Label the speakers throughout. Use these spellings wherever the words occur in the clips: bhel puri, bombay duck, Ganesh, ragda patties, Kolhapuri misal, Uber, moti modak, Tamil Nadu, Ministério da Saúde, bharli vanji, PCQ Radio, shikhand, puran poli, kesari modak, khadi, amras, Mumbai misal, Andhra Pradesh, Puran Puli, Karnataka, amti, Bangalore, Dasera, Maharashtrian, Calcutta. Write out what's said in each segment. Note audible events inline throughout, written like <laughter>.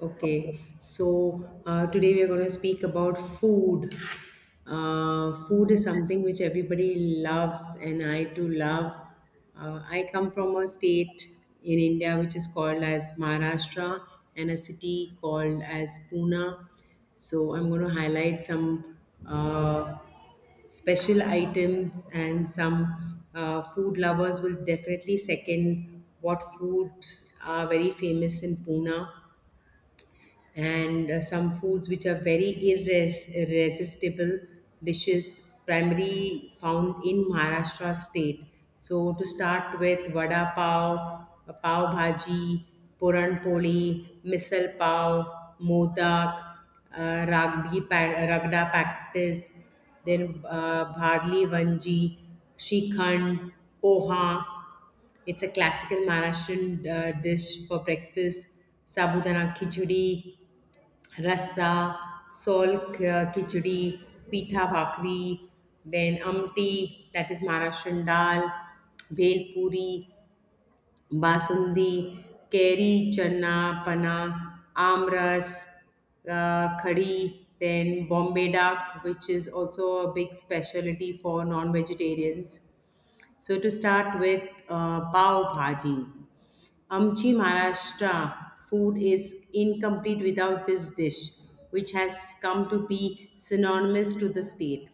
Speaker 1: Okay,
Speaker 2: Okay.
Speaker 1: so today we are going to speak about food. Food is something which everybody loves, and I too love. I come from a state in India which is called as Maharashtra and a city called as Pune. So I'm going to highlight some uh, special items and some food lovers will definitely second what foods are very famous in Pune and some foods which are very irresistible dishes primarily found in Maharashtra state. So to start with vada pav, pav bhaji, puran poli, misal pav, modak, ragda practice, then bharli vanji, shikhand, poha, it's a classical Maharashtrian dish for breakfast. Sabudana khichdi, रस्सा solk khichdi, pitha bhakri, then amti, that is maharashtrian dal, bhel puri, basundi, kairi chana pana, amras, khadi, then bombay duck, which is also a big specialty for non-vegetarians. So to start with, pav bhaji. Amchi Maharashtra food is incomplete without this dish, which has come to be synonymous to the state.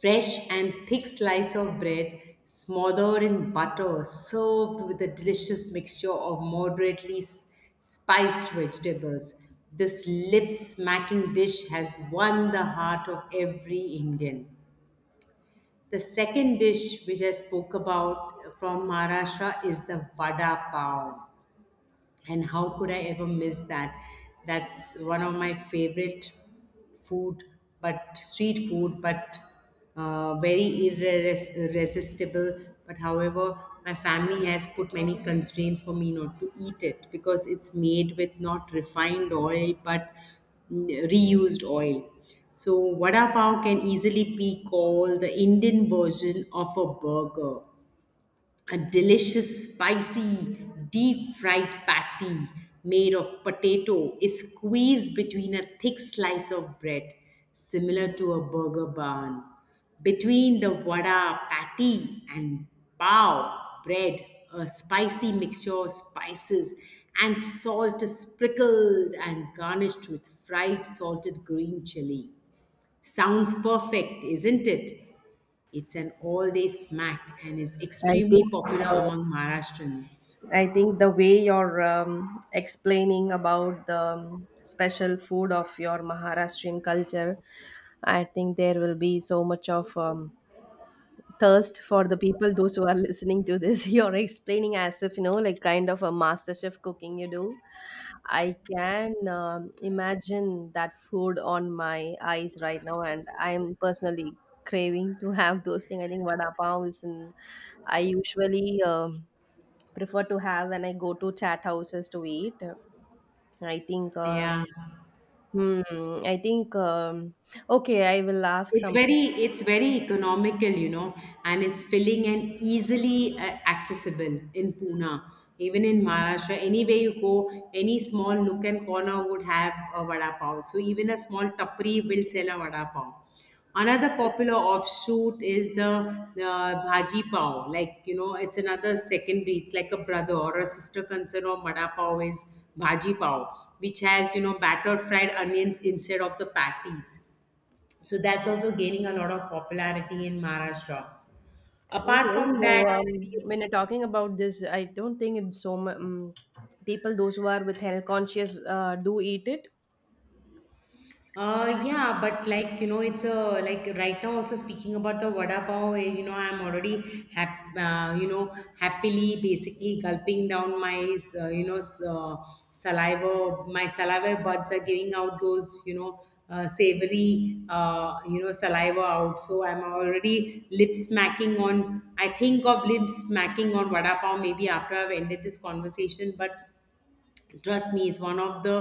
Speaker 1: Fresh and thick slice of bread smothered in butter, served with a delicious mixture of moderately spiced vegetables. This lip smacking dish has won the heart of every Indian. The second dish which I spoke about from Maharashtra is the vada pav, and how could I ever miss that? That's one of my favorite food, but street food, but very irresistible. But however, my family has put many constraints for me not to eat it because it's made with not refined oil but mm, reused oil. So vada pav can easily be called the Indian version of a burger. A delicious, spicy, deep fried patty made of potato is squeezed between a thick slice of bread, similar to a burger bun. Between the vada patty and bao bread, a spicy mixture of spices and salt is sprinkled and garnished with fried salted green chili. Sounds perfect, isn't it? It's an all day snack and is
Speaker 2: I think
Speaker 1: extremely popular
Speaker 2: uh,
Speaker 1: among Maharashtrians.
Speaker 2: I think the way you're explaining about the special food of your Maharashtrian culture, I think there will be so much of thirst for the people those who are listening to this <laughs> you're explaining as if you know like kind of a master chef cooking you do. I can imagine that food on my eyes right now, and I'm personally craving to have those things. I think vada pav is in, I usually prefer to have when I go to chat houses to eat. I think
Speaker 1: Yeah.
Speaker 2: Hmm, I think okay, I will ask
Speaker 1: it's
Speaker 2: some.
Speaker 1: very it's very economical, you know, and it's filling and easily accessible in Pune, even in Maharashtra. Anywhere you go, any small nook and corner would have a vada pav, so even a small tapri will sell a vada pav. Another popular offshoot is the bhaji pav, like you know, it's another secondary, it's like a brother or a sister concern of vada pav is bhaji pav, which has, you know, battered fried onions instead of the patties. So that's also gaining a lot of popularity in Maharashtra. Apart
Speaker 2: Okay,
Speaker 1: from that,
Speaker 2: so when you're talking about this, I don't think it's so much people those who are with health conscious do eat it.
Speaker 1: Yeah, but like you know, it's a, like, right now also speaking about the vada pav. You know, I'm already you know, happily basically gulping down my you know saliva. My saliva buds are giving out those, you know, savory, you know, saliva out. So I'm already lip smacking on. I think of lip smacking on vada pav maybe after I've ended this conversation. But trust me, it's one of the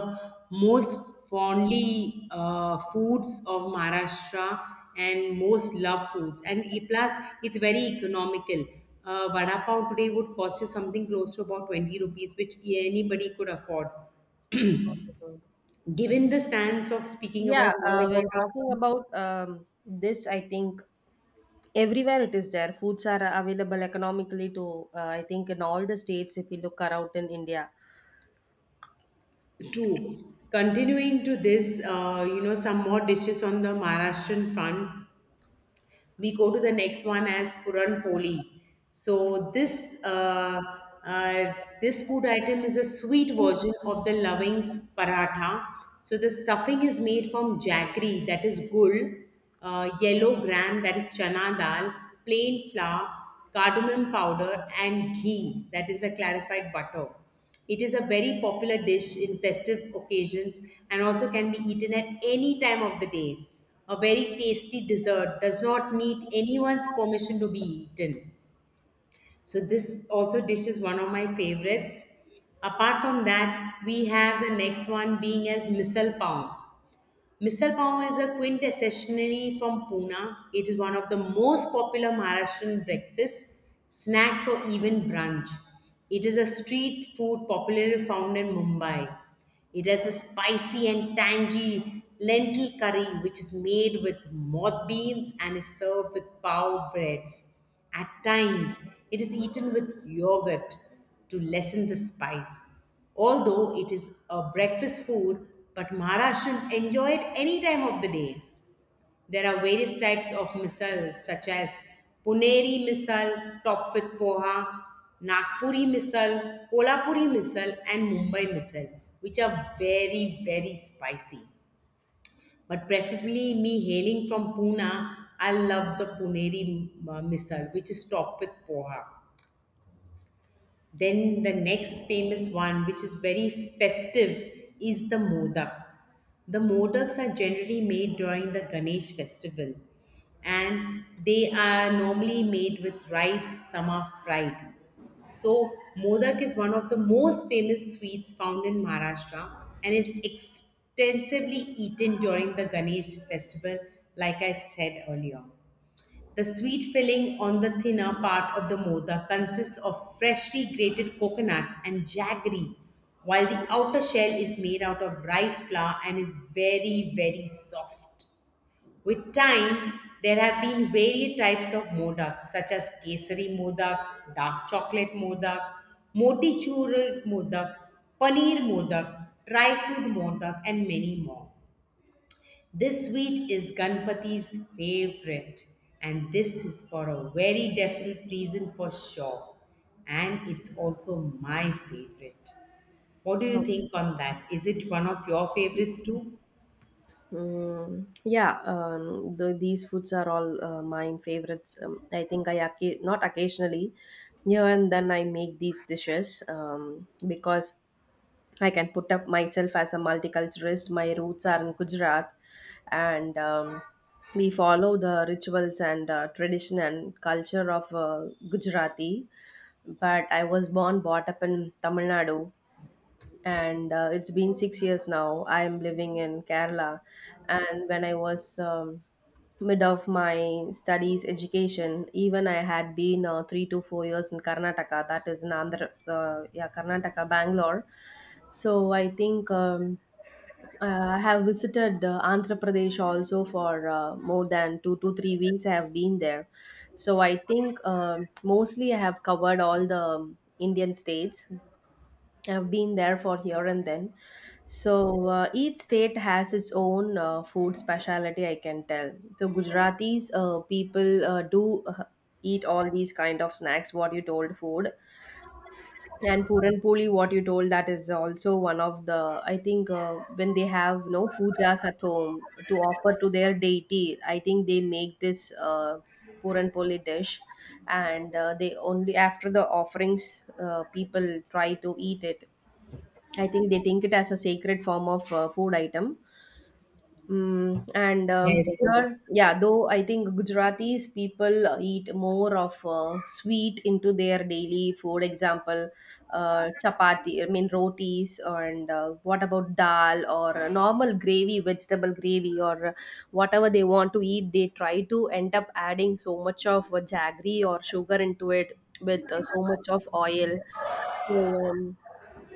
Speaker 1: most fondly foods of Maharashtra and most loved foods. And plus, it's very economical. Vada pav today would cost you something close to about 20 rupees, which anybody could afford. Given the stance of speaking
Speaker 2: Yeah,
Speaker 1: about more about
Speaker 2: when
Speaker 1: our
Speaker 2: talking about this, I think everywhere it is there. Foods are available economically to I think in all the states if you look around in India.
Speaker 1: true, continuing to this, you know, some more dishes on the Maharashtrian front. We go to the next one as puran poli. So this uh, uh, this food item is a sweet version of the loving paratha. So the stuffing is made from jaggery, that is gul, yellow gram, that is chana dal, plain flour, cardamom powder, and ghee, that is a clarified butter. It is a very popular dish in festive occasions and also can be eaten at any time of the day. A very tasty dessert does not need anyone's permission to be eaten. So this also dish is one of my favorites. Apart from that, we have the next one being as misal pav. Misal pav is a quintessentially from Pune. It is one of the most popular Maharashtrian breakfasts, snacks, or even brunch. It is a street food popularly found in Mumbai. It has a spicy and tangy lentil curry, which is made with moth beans and is served with pav breads. At times, it is eaten with yogurt to lessen the spice. Although it is a breakfast food, but Maharashtrians enjoy it any time of the day. There are various types of misal, such as Puneri misal, topped with poha, Nagpuri misal, Kolhapuri misal, and Mumbai misal, which are very, very spicy. But preferably, me hailing from Pune, I love the Puneri misal, which is topped with poha. Then the next famous one, which is very festive, is the modaks. The modaks are generally made during the Ganesh festival and they are normally made with rice, some are fried. So modak is one of the most famous sweets found in Maharashtra and is extensively eaten during the Ganesh festival, like I said earlier. The sweet filling on the thinner part of the mota consists of freshly grated coconut and jaggery, while the outer shell is made out of rice flour and is very, very soft. With time, there have been various types of modaks such as kesari modak, dark chocolate modak, moti modak, paneer modak, dry fruit modak, and many more. This sweet is Ganpati's favorite, and this is for a very definite reason for sure. And it's also my favorite. What do you
Speaker 2: Oh.
Speaker 1: think on that? Is it one of your favorites too?
Speaker 2: Yeah, the, these foods are all mine favorites. I think I not occasionally, yeah, and then I make these dishes because I can put up myself as a multiculturalist. My roots are in Gujarat, and we follow the rituals and tradition and culture of Gujarati. But I was born, brought up in Tamil Nadu, and it's been 6 years now. I am living in Kerala, and when I was mid of my studies education, even I had been 3 to 4 years in Karnataka, that is in Andhra, yeah, Karnataka, Bangalore. So I think I have visited Andhra Pradesh also for more than 2 to 3 weeks. I have been there. So I think mostly I have covered all the Indian states. I've been there for here and then. So each state has its own food specialty, I can tell. So Gujaratis, people do eat all these kind of snacks, what you told food. And Puran Puli, what you told, that is also one of the, I think, when they have no pujas at home to offer to their deity, I think they make this Puran Puli dish. And they only, after the offerings, people try to eat it. I think they think it as a sacred form of food item. And
Speaker 1: Yes.
Speaker 2: here, yeah, though I think Gujaratis people eat more of sweet into their daily food. Example, chapati, I mean rotis, and what about dal or normal gravy, vegetable gravy, or whatever they want to eat. They try to end up adding so much of jaggery or sugar into it with so much of oil. So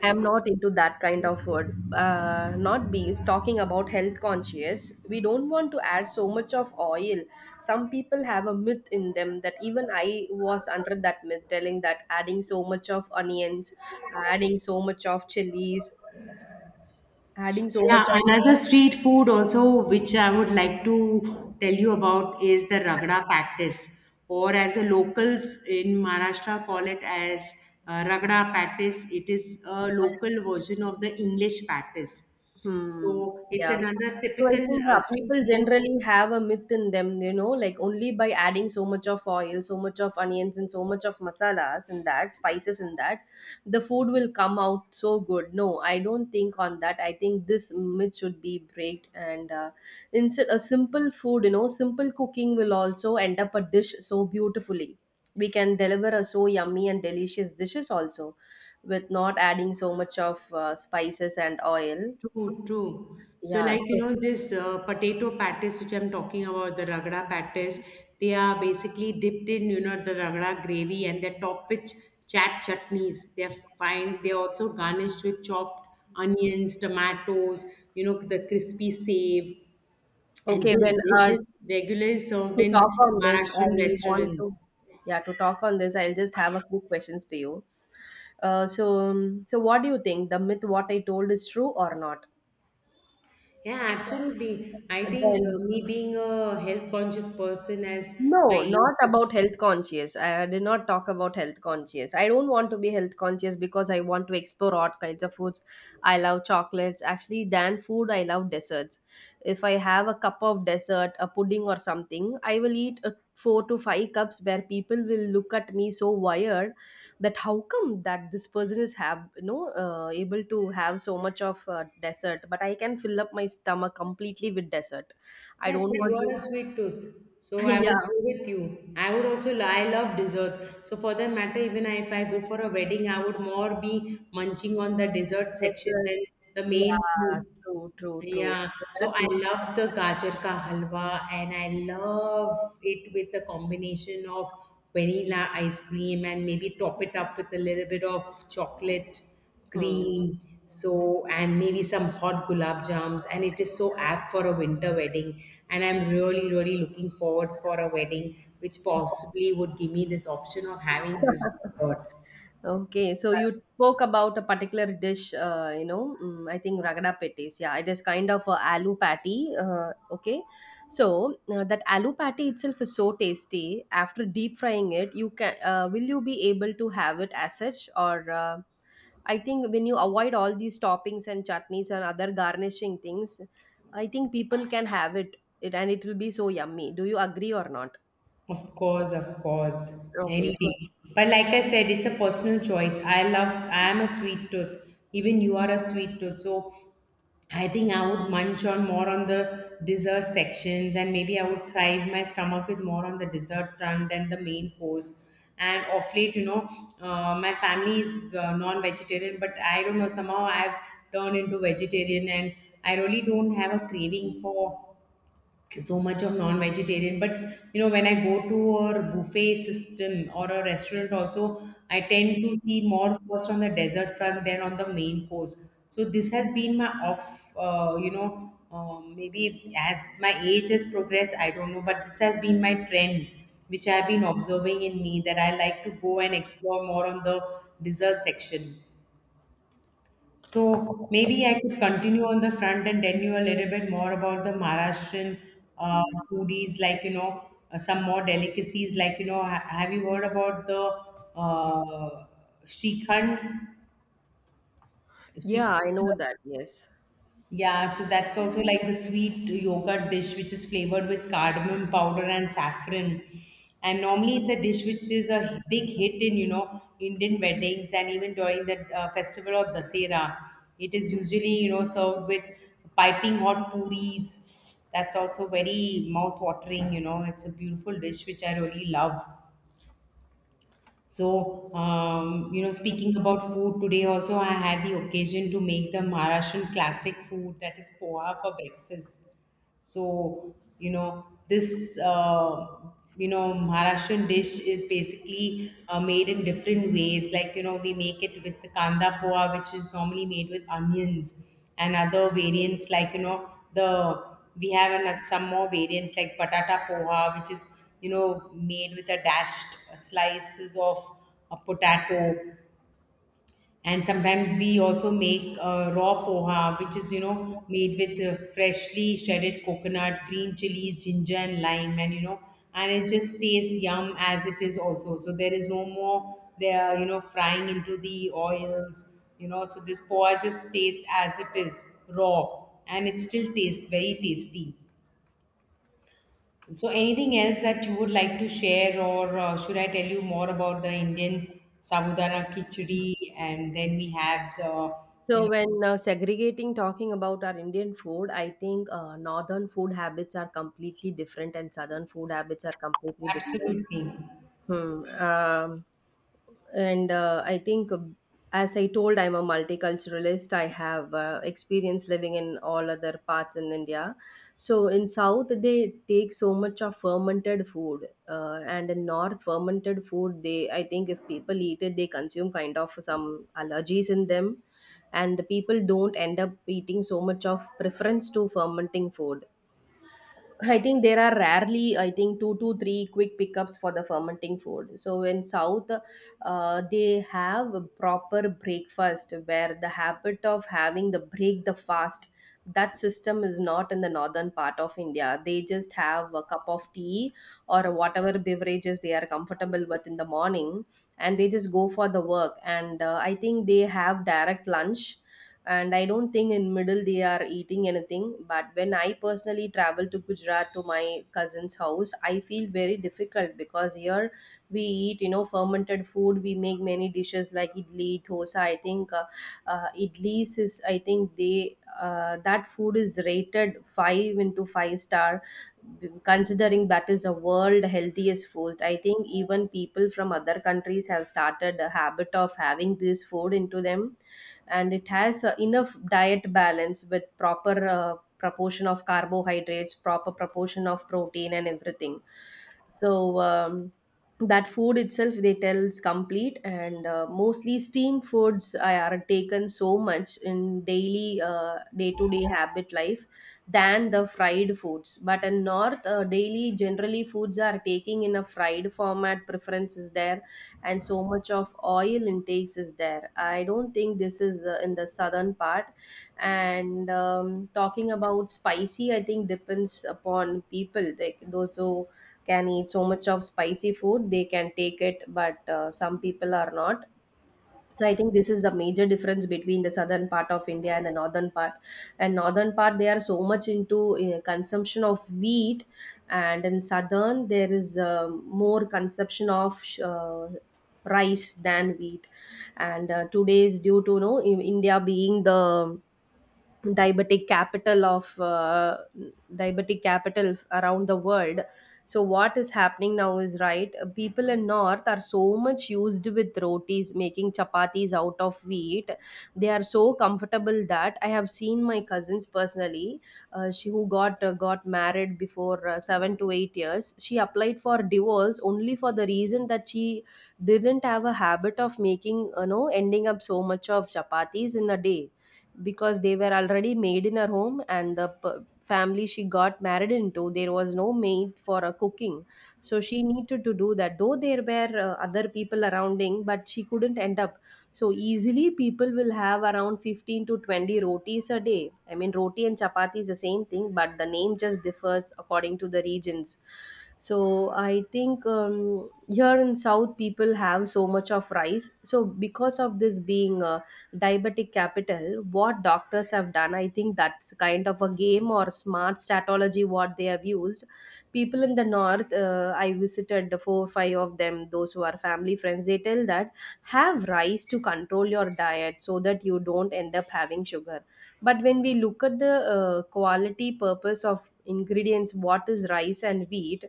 Speaker 2: I'm not into that kind of word. Not bees talking about health conscious. We don't want to add so much of oil. Some people have a myth in them that even I was under that myth, telling that adding so much of onions, adding so much of chilies, adding so
Speaker 1: Yeah,
Speaker 2: much of.
Speaker 1: another street food also, which I would like to tell you about, is the ragda patties, or as the locals in Maharashtra call it as ragda patties. It is a local version of the English patties.
Speaker 2: Hmm.
Speaker 1: So it's
Speaker 2: Yeah. It's-
Speaker 1: another
Speaker 2: So I
Speaker 1: typical
Speaker 2: think yeah,
Speaker 1: street
Speaker 2: people
Speaker 1: food.
Speaker 2: generally have a myth in them, you know, like only by adding so much of oil, so much of onions, and so much of masalas in that, spices in that, the food will come out so good. No, I don't think on that. I think this myth should be breaked. And a simple food, you know, simple cooking will also end up a dish so beautifully. We can deliver a so yummy and delicious dishes also with not adding so much of spices and oil.
Speaker 1: True, true. So,
Speaker 2: Yeah.
Speaker 1: like, you
Speaker 2: So,
Speaker 1: know, this potato patties, which I'm talking about, the ragda patties, they are basically dipped in, you know, the ragda gravy and they're topped with chat chutneys. They're fine. They're also garnished with chopped onions, tomatoes, you know, the crispy save. And
Speaker 2: okay. When
Speaker 1: this dish is regularly served
Speaker 2: to talk
Speaker 1: in
Speaker 2: on this, I
Speaker 1: Maharashtrian
Speaker 2: want to.
Speaker 1: restaurants.
Speaker 2: Yeah, to talk on this, I'll just have a quick questions to you. So, so what do you think? The myth what I told is true or not?
Speaker 1: Yeah, absolutely. I think
Speaker 2: Then
Speaker 1: me being a health conscious person as my
Speaker 2: no,
Speaker 1: age
Speaker 2: not
Speaker 1: is.
Speaker 2: about health conscious. I did not talk about health conscious. I don't want to be health conscious because I want to explore all kinds of foods. I love chocolates. Actually, than food, I love desserts. If I have a cup of dessert, a pudding or something, I will eat a four to five cups where people will look at me so wired that how come that this person is have you know able to have so much of dessert, but I can fill up my stomach completely with dessert. I
Speaker 1: Yeah,
Speaker 2: don't
Speaker 1: so
Speaker 2: want
Speaker 1: you are a
Speaker 2: to. <laughs>
Speaker 1: sweet tooth. So I would
Speaker 2: Yeah,
Speaker 1: go with you. I would also I love desserts. So for that matter, even if I go for a wedding, I would more be munching on the dessert section than
Speaker 2: deserts.
Speaker 1: the main
Speaker 2: Yeah,
Speaker 1: food.
Speaker 2: true, true, true.
Speaker 1: Yeah,
Speaker 2: So there
Speaker 1: so
Speaker 2: are
Speaker 1: I
Speaker 2: people.
Speaker 1: love the gajar ka halwa and I love it with the combination of vanilla ice cream and maybe top it up with a little bit of chocolate
Speaker 2: Hmm.
Speaker 1: cream. So, and maybe some hot gulab jams, and it is so apt for a winter wedding. And I'm really, really looking forward for a wedding which possibly would give me this option of having this dessert.
Speaker 2: Okay, so you spoke about a particular dish, you know, I think ragda patties. Yeah, it is kind of a aloo patty. Okay, so that aloo patty itself is so tasty. After deep frying it, you can will you be able to have it as such, or I think when you avoid all these toppings and chutneys and other garnishing things, I think people can have it and it will be so yummy. Do you agree or not?
Speaker 1: Of course,
Speaker 2: Okay,
Speaker 1: any
Speaker 2: so
Speaker 1: day. But like I said, it's a personal choice. I love, I am a sweet tooth. Even you are a sweet tooth. So I think I would munch on more on the dessert sections and maybe I would thrive my stomach with more on the dessert front than the main course. And of late, you know, my family is non vegetarian, but I don't know, somehow I've turned into vegetarian and I really don't have a craving for so much of non-vegetarian. But you know, when I go to a buffet system or a restaurant also, I tend to see more first on the dessert front than on the main course. So this has been my off, you know, maybe as my age has progressed, I don't know, but this has been my trend which I've been observing in me, that I like to go and explore more on the dessert section. So maybe I could continue on the front and tell you a little bit more about the Maharashtrian uh, foodies, like you know, some more delicacies. Like you know, have you heard about the shrikhand?
Speaker 2: yeah, I
Speaker 1: Shrikhand,
Speaker 2: know that. Yes.
Speaker 1: yeah, so that's also like the sweet yogurt dish, which is flavored with cardamom powder and saffron. And normally, it's a dish which is a big hit in, you know, Indian weddings and even during the festival of Dasera. It is usually, you know, served with piping hot puris. That's also very mouth watering. You know, it's a beautiful dish which I really love. So, you know, speaking about food today, also I had the occasion to make the Maharashtrian classic food, that is poha for breakfast. So, you know, this, you know, Maharashtrian dish is basically made in different ways. Like, we make it with the kanda poa, which is normally made with onions and other variants like, we have another, some more variants like patata poha, which is, made with a dashed slices of a potato. And sometimes we also make raw poha, which is made with freshly shredded coconut, green chilies, ginger and lime. And and it just tastes yum as it is also, so there is no more there, frying into the oils. So this poha just tastes as it is raw, and it still tastes very tasty. So, anything else that you would like to share, or should I tell you more about the Indian sabudana khichdi? And then we have the, you
Speaker 2: So
Speaker 1: know,
Speaker 2: when segregating talking about our Indian food, I think northern food habits are completely different and southern food habits are completely different.
Speaker 1: absolutely,
Speaker 2: Hmm. And I think as I told, I'm a multiculturalist. I have experience living in all other parts in India. So in south they take so much of fermented food, and in north fermented food, they, I think if people eat it, they consume kind of some allergies in them, and the people don't end up eating so much of preference to fermenting food. I think there are rarely, I think, two to three quick pickups for the fermenting food. So in South, they have a proper breakfast where the habit of having the break the fast, that system is not in the northern part of India. They just have a cup of tea or whatever beverages they are comfortable with in the morning, and they just go for the work. And I think they have direct lunch, and I don't think in middle they are eating anything. But when I personally travel to Gujarat to my cousin's house, I feel very difficult because here we eat, you know, fermented food. We make many dishes like idli dosa. I think Idlis is, I think they, that food is rated 5 into 5 star, considering that is a world healthiest food. I think even people from other countries have started a habit of having this food into them, and it has enough diet balance with proper proportion of carbohydrates, proper proportion of protein and everything. So that food itself they tell is complete, and mostly steam foods are taken so much in daily day-to-day habit life than the fried foods. But in north, daily generally foods are taking in a fried format, preference is there, and so much of oil intakes is there. I don't think this is the, in the southern part. And talking about spicy, I think depends upon people like those who can eat so much of spicy food, they can take it, but some people are not. So I think this is the major difference between the southern part of India and the northern part. And northern part they are so much into consumption of wheat, and in southern there is more consumption of rice than wheat. And today, due to, you know, India being the diabetic capital of diabetic capital around the world, so what is happening now is right, people in north are so much used with rotis, making chapatis out of wheat. They are so comfortable that I have seen my cousins personally. She who got married before 7 to 8 years, she applied for divorce only for the reason that she didn't have a habit of making, you know, ending up so much of chapatis in a day, because they were already made in her home, and the family she got married into, there was no maid for a cooking. So she needed to do that, though there were other people surrounding, but she couldn't end up. So easily people will have around 15 to 20 rotis a day. I mean roti and chapati is the same thing, but the name just differs according to the regions. So I think here in south people have so much of rice. So because of this being diabetic capital, what doctors have done, I think that's kind of a game or smart statology what they have used. People in the north, I visited the four or five of them those who are family friends, they tell that have rice to control your Diet so that you don't end up having sugar. But when we look at the quality purpose of ingredients, what is rice and wheat?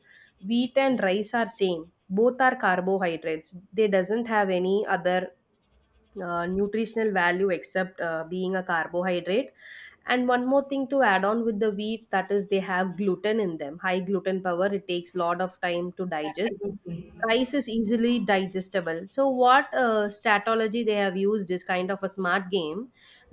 Speaker 2: Wheat and rice are same, both are carbohydrates. They doesn't have any other nutritional value except being a carbohydrate. And one more thing to add on with the wheat, that is they have gluten in them, high gluten power, it takes lot of time to digest.
Speaker 1: absolutely
Speaker 2: Rice is easily digestible, so what strategy they have used is kind of a smart game.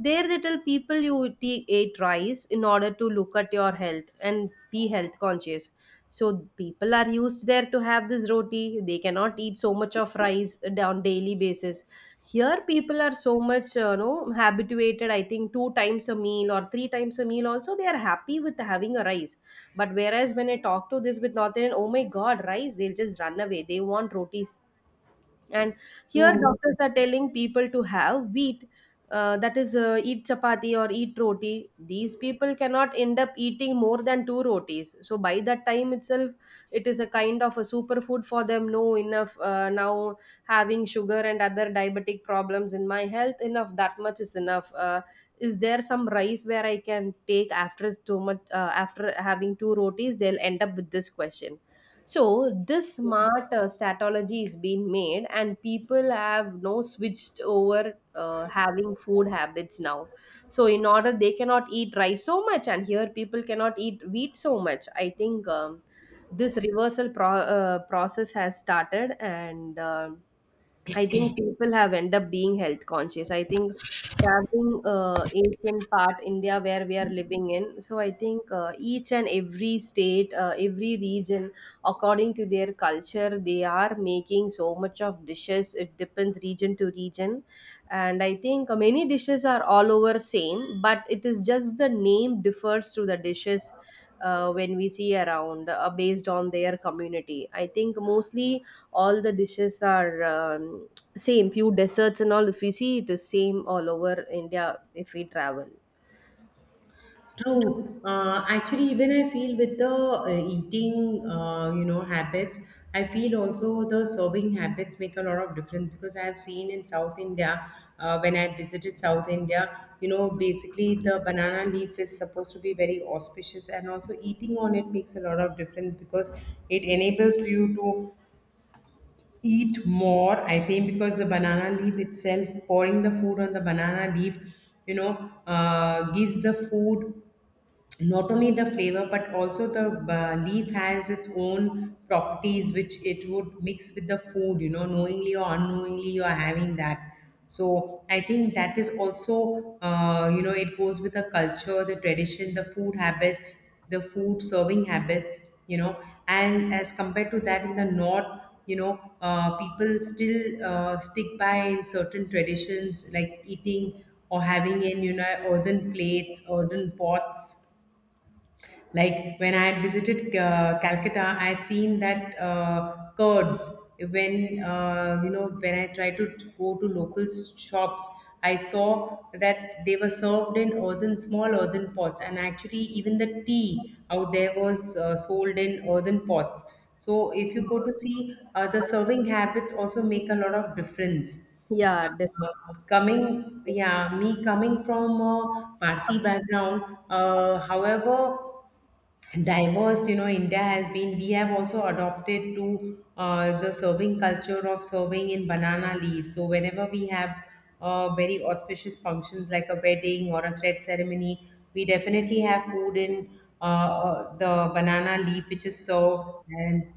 Speaker 2: There they tell people ate rice in order to look at your health and be health conscious. So people are used there to have this roti, they cannot eat so much of rice on daily basis. Here people are so much habituated, I think two times a meal or three times a meal also they are happy with having a rice. But whereas when I talk to this with North Indian, oh my God, rice, they'll just run away. They want rotis. And here
Speaker 1: true.
Speaker 2: doctors are telling people to have wheat, that is eat chapati or eat roti. These people cannot end up eating more than two rotis, so by that time itself it is a kind of a superfood for them. No, enough now, having sugar and other diabetic problems in my health, enough, that much is enough. Is there some rice where I can take after too much, after having two rotis? They'll end up with this question. So this smart strategy is being made, and people have now switched over having food habits now. So in order they cannot eat rice so much, and here people cannot eat wheat so much. I think this reversal process has started, and I think people have end up being health conscious. I think traveling ancient part India where we are living in. So I think each and every state, every region, according to their culture, they are making so much of dishes. It depends region to region, and I think many dishes are all over same, but it is just the name differs to the dishes. When we see around based on their community, I think mostly all the dishes are same. Few desserts and all, if we see, it is same all over India if we travel.
Speaker 1: True. Actually, even I feel with the eating, habits, I feel also the serving habits make a lot of difference, because I have seen in South India, when I visited South India, basically the banana leaf is supposed to be very auspicious, and also eating on it makes a lot of difference because it enables you to eat more. I think because the banana leaf itself, pouring the food on the banana leaf, gives the food not only the flavor but also the leaf has its own properties, which it would mix with the food. Knowingly or unknowingly, you are having that. So I think that is also, it goes with the culture, the tradition, the food habits, the food serving habits, you know and as compared to that in the north, people still stick by in certain traditions like eating or having in, earthen plates, earthen pots. Like, when I had visited Calcutta, I had seen that curds, when, when I tried to go to local shops, I saw that they were served in earthen, small earthen pots. And actually even the tea out there was sold in earthen pots. So if you go to see, the serving habits also make a lot of difference.
Speaker 2: Yeah, definitely.
Speaker 1: Uh,
Speaker 2: Yes.
Speaker 1: yeah, me coming from a Parsi background, however diverse India has been, we have also adopted to the serving culture of serving in banana leaves. So whenever we have very auspicious functions like a wedding or a thread ceremony, we definitely have food in the banana leaf, which is served. and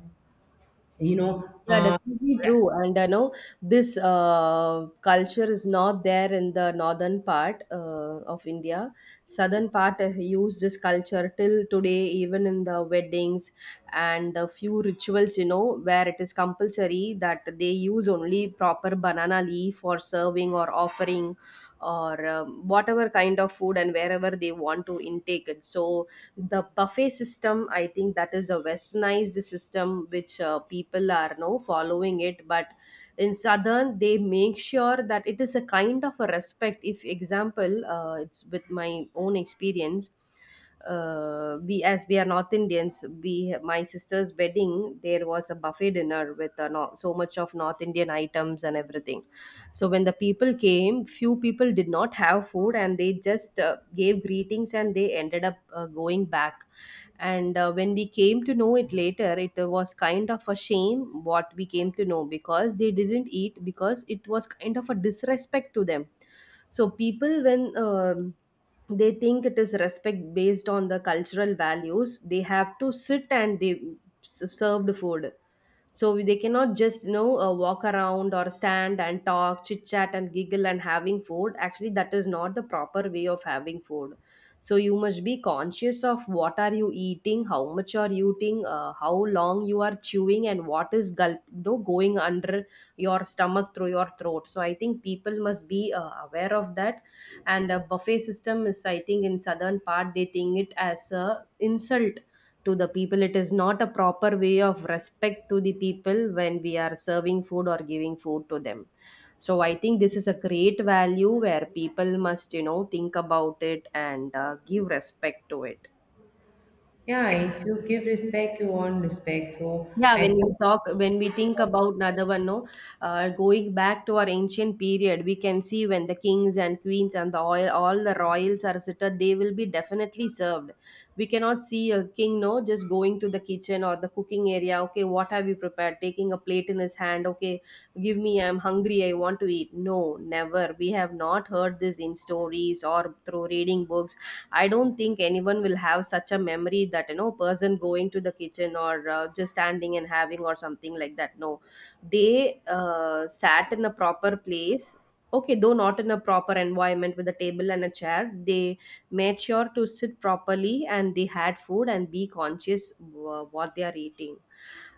Speaker 1: you know
Speaker 2: Yeah,
Speaker 1: uh,
Speaker 2: definitely true. And I know this culture is not there in the northern part of India. Southern part use this culture till today, even in the weddings and a few rituals, you know, where it is compulsory that they use only proper banana leaf for serving or offering or whatever kind of food and wherever they want to intake it. So, the buffet system, I think that is a westernized system which people are now following it. But in southern they make sure that it is a kind of a respect. If example, it's with my own experience, we as we are North Indians, we, my sister's wedding, there was a buffet dinner with no, so much of North Indian items and everything. So when the people came, few people did not have food and they just gave greetings and they ended up going back. And when we came to know it later, it was kind of a shame what we came to know, because they didn't eat because it was kind of a disrespect to them. So people, when they think it is respect based on the cultural values, they have to sit and they serve the food. So they cannot just, you know, walk around or stand and talk, chit chat and giggle and having food. Actually that is not the proper way of having food. So you must be conscious of what are you eating, how much are you eating, how long you are chewing and what is gulp, you know, going under your stomach through your throat. So I think people must be aware of that. And a buffet system is, I think in southern part they think it as a insult to the people. It is not a proper way of respect to the people when we are serving food or giving food to them. So I think this is a great value where people must, you know, think about it and give respect to it.
Speaker 1: yeah, if you give respect, you earn respect. So
Speaker 2: Yeah,
Speaker 1: I
Speaker 2: when we
Speaker 1: think
Speaker 2: talk, when we think about another one, no, going back to our ancient period, we can see when the kings and queens and the oil, all the royals are seated, they will be definitely served. We cannot see a king, no, just going to the kitchen or the cooking area. Okay, what have you prepared? Taking a plate in his hand. Okay, give me, I'm hungry, I want to eat. No, never. We have not heard this in stories or through reading books. I don't think anyone will have such a memory that, you know, person going to the kitchen or just standing and having or something like that. No, they sat in a proper place. Okay, though not in a proper environment with a table and a chair, they made sure to sit properly and they had food and be conscious what they are eating.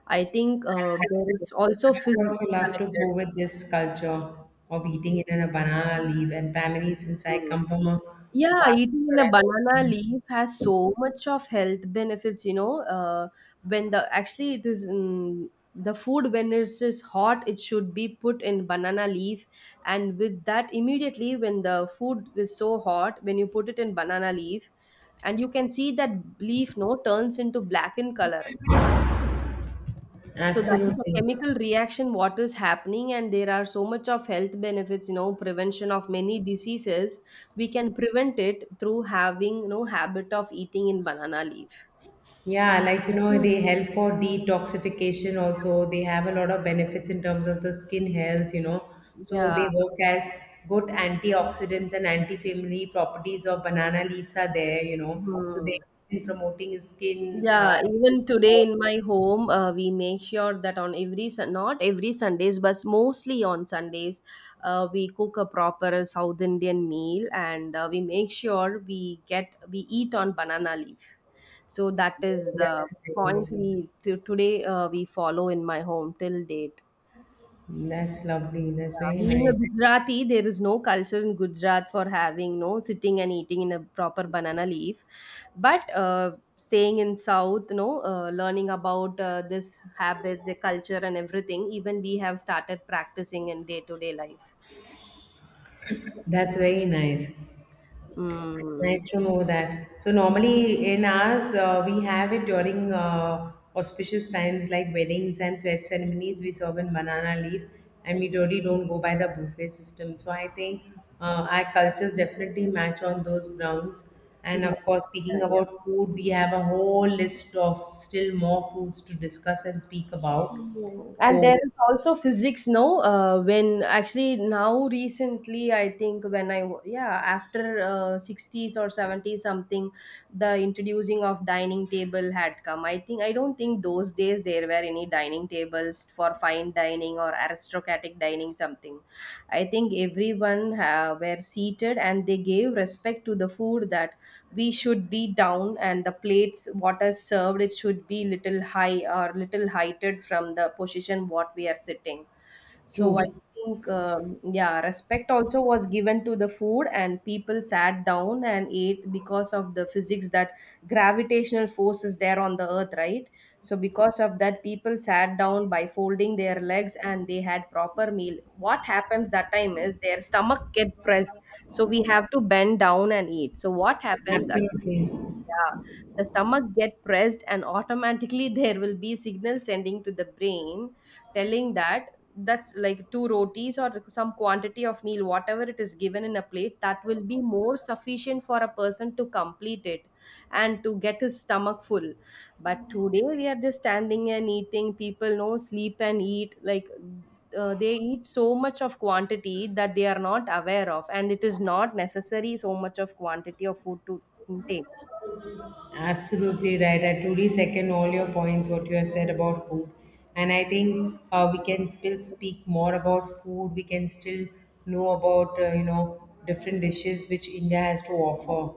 Speaker 2: I think there
Speaker 1: absolutely.
Speaker 2: is also
Speaker 1: I
Speaker 2: physics
Speaker 1: would also love to go
Speaker 2: connected.
Speaker 1: with this culture of eating it in a banana leaf and family, since I
Speaker 2: Mm.
Speaker 1: come from a
Speaker 2: Yeah,
Speaker 1: part of
Speaker 2: eating in a
Speaker 1: Maharashtra.
Speaker 2: banana leaf has so much of health benefits, you know. When the actually it is mm, the food when it's hot, it should be put in banana leaf, and with that immediately when the food is so hot, when you put it in banana leaf, and you can see that leaf no turns into black in color. So that is a
Speaker 1: Absolutely.
Speaker 2: chemical reaction what is happening, and there are so much of health benefits, you know, prevention of many diseases. We can prevent it through having, you know, habit of eating in banana leaf.
Speaker 1: Yeah, like
Speaker 2: I think-
Speaker 1: they help for detoxification also. They have a lot of benefits in terms of the skin health, So
Speaker 2: Yeah.
Speaker 1: they work as good antioxidants, and anti-family properties of banana leaves are there, So
Speaker 2: Hmm.
Speaker 1: they, in promoting skin
Speaker 2: Yeah,
Speaker 1: skin
Speaker 2: even today
Speaker 1: growth,
Speaker 2: in my home, we make sure that on every not every Sundays, but mostly on Sundays, we cook a proper South Indian meal, and we make sure we eat on banana leaf. So that is
Speaker 1: all that
Speaker 2: the point
Speaker 1: things.
Speaker 2: we to today we follow in my home till date.
Speaker 1: That's lovely. That's very
Speaker 2: Being a
Speaker 1: nice.
Speaker 2: Gujarati, there is no culture in Gujarat for having no sitting and eating in a proper banana leaf. But staying in South, you know, learning about this habits, the culture, and everything, even we have started practicing in day to day life.
Speaker 1: That's very nice. It's nice
Speaker 2: Mm.
Speaker 1: to know that. So normally in ours, we have it during auspicious times like weddings and thread ceremonies. We serve in banana leaf, and we really don't go by the buffet system. So I think our cultures definitely match on those grounds.
Speaker 2: Yeah,
Speaker 1: And of course, speaking
Speaker 2: yeah.
Speaker 1: about food, we have a whole list of still more foods to discuss and speak about.
Speaker 2: Mm. And there
Speaker 1: So
Speaker 2: is also physics, no? When actually now recently, I think when yeah, after 60s or 70s something, the introducing of dining table had come. I think I don't think those days there were any dining tables for fine dining or aristocratic dining something. I think everyone were seated and they gave respect to the food, that we should be down and the plates what is served it should be little high or little heighted from the position what we are sitting. So I
Speaker 1: true,
Speaker 2: think, yeah, respect also was given to the food, and people sat down and ate because of the physics that gravitational force is there on the earth, right? So because of that, people sat down by folding their legs and they had proper meal. What happens that time is their stomach get pressed, so we have to bend down and eat. So what happens at,
Speaker 1: absolutely.
Speaker 2: yeah, the stomach get pressed and automatically there will be signal sending to the brain telling that that's like two rotis or some quantity of meal whatever it is given in a plate that will be more sufficient for a person to complete it and to get his stomach full. But today we are just standing and eating, people no sleep and eat like, they eat so much of quantity that they are not aware of, and it is not necessary so much of quantity of food to intake.
Speaker 1: Absolutely right. I truly second all your points, what you have said about food. And I think we can still speak more about food. We can still know about, different dishes which India has to offer.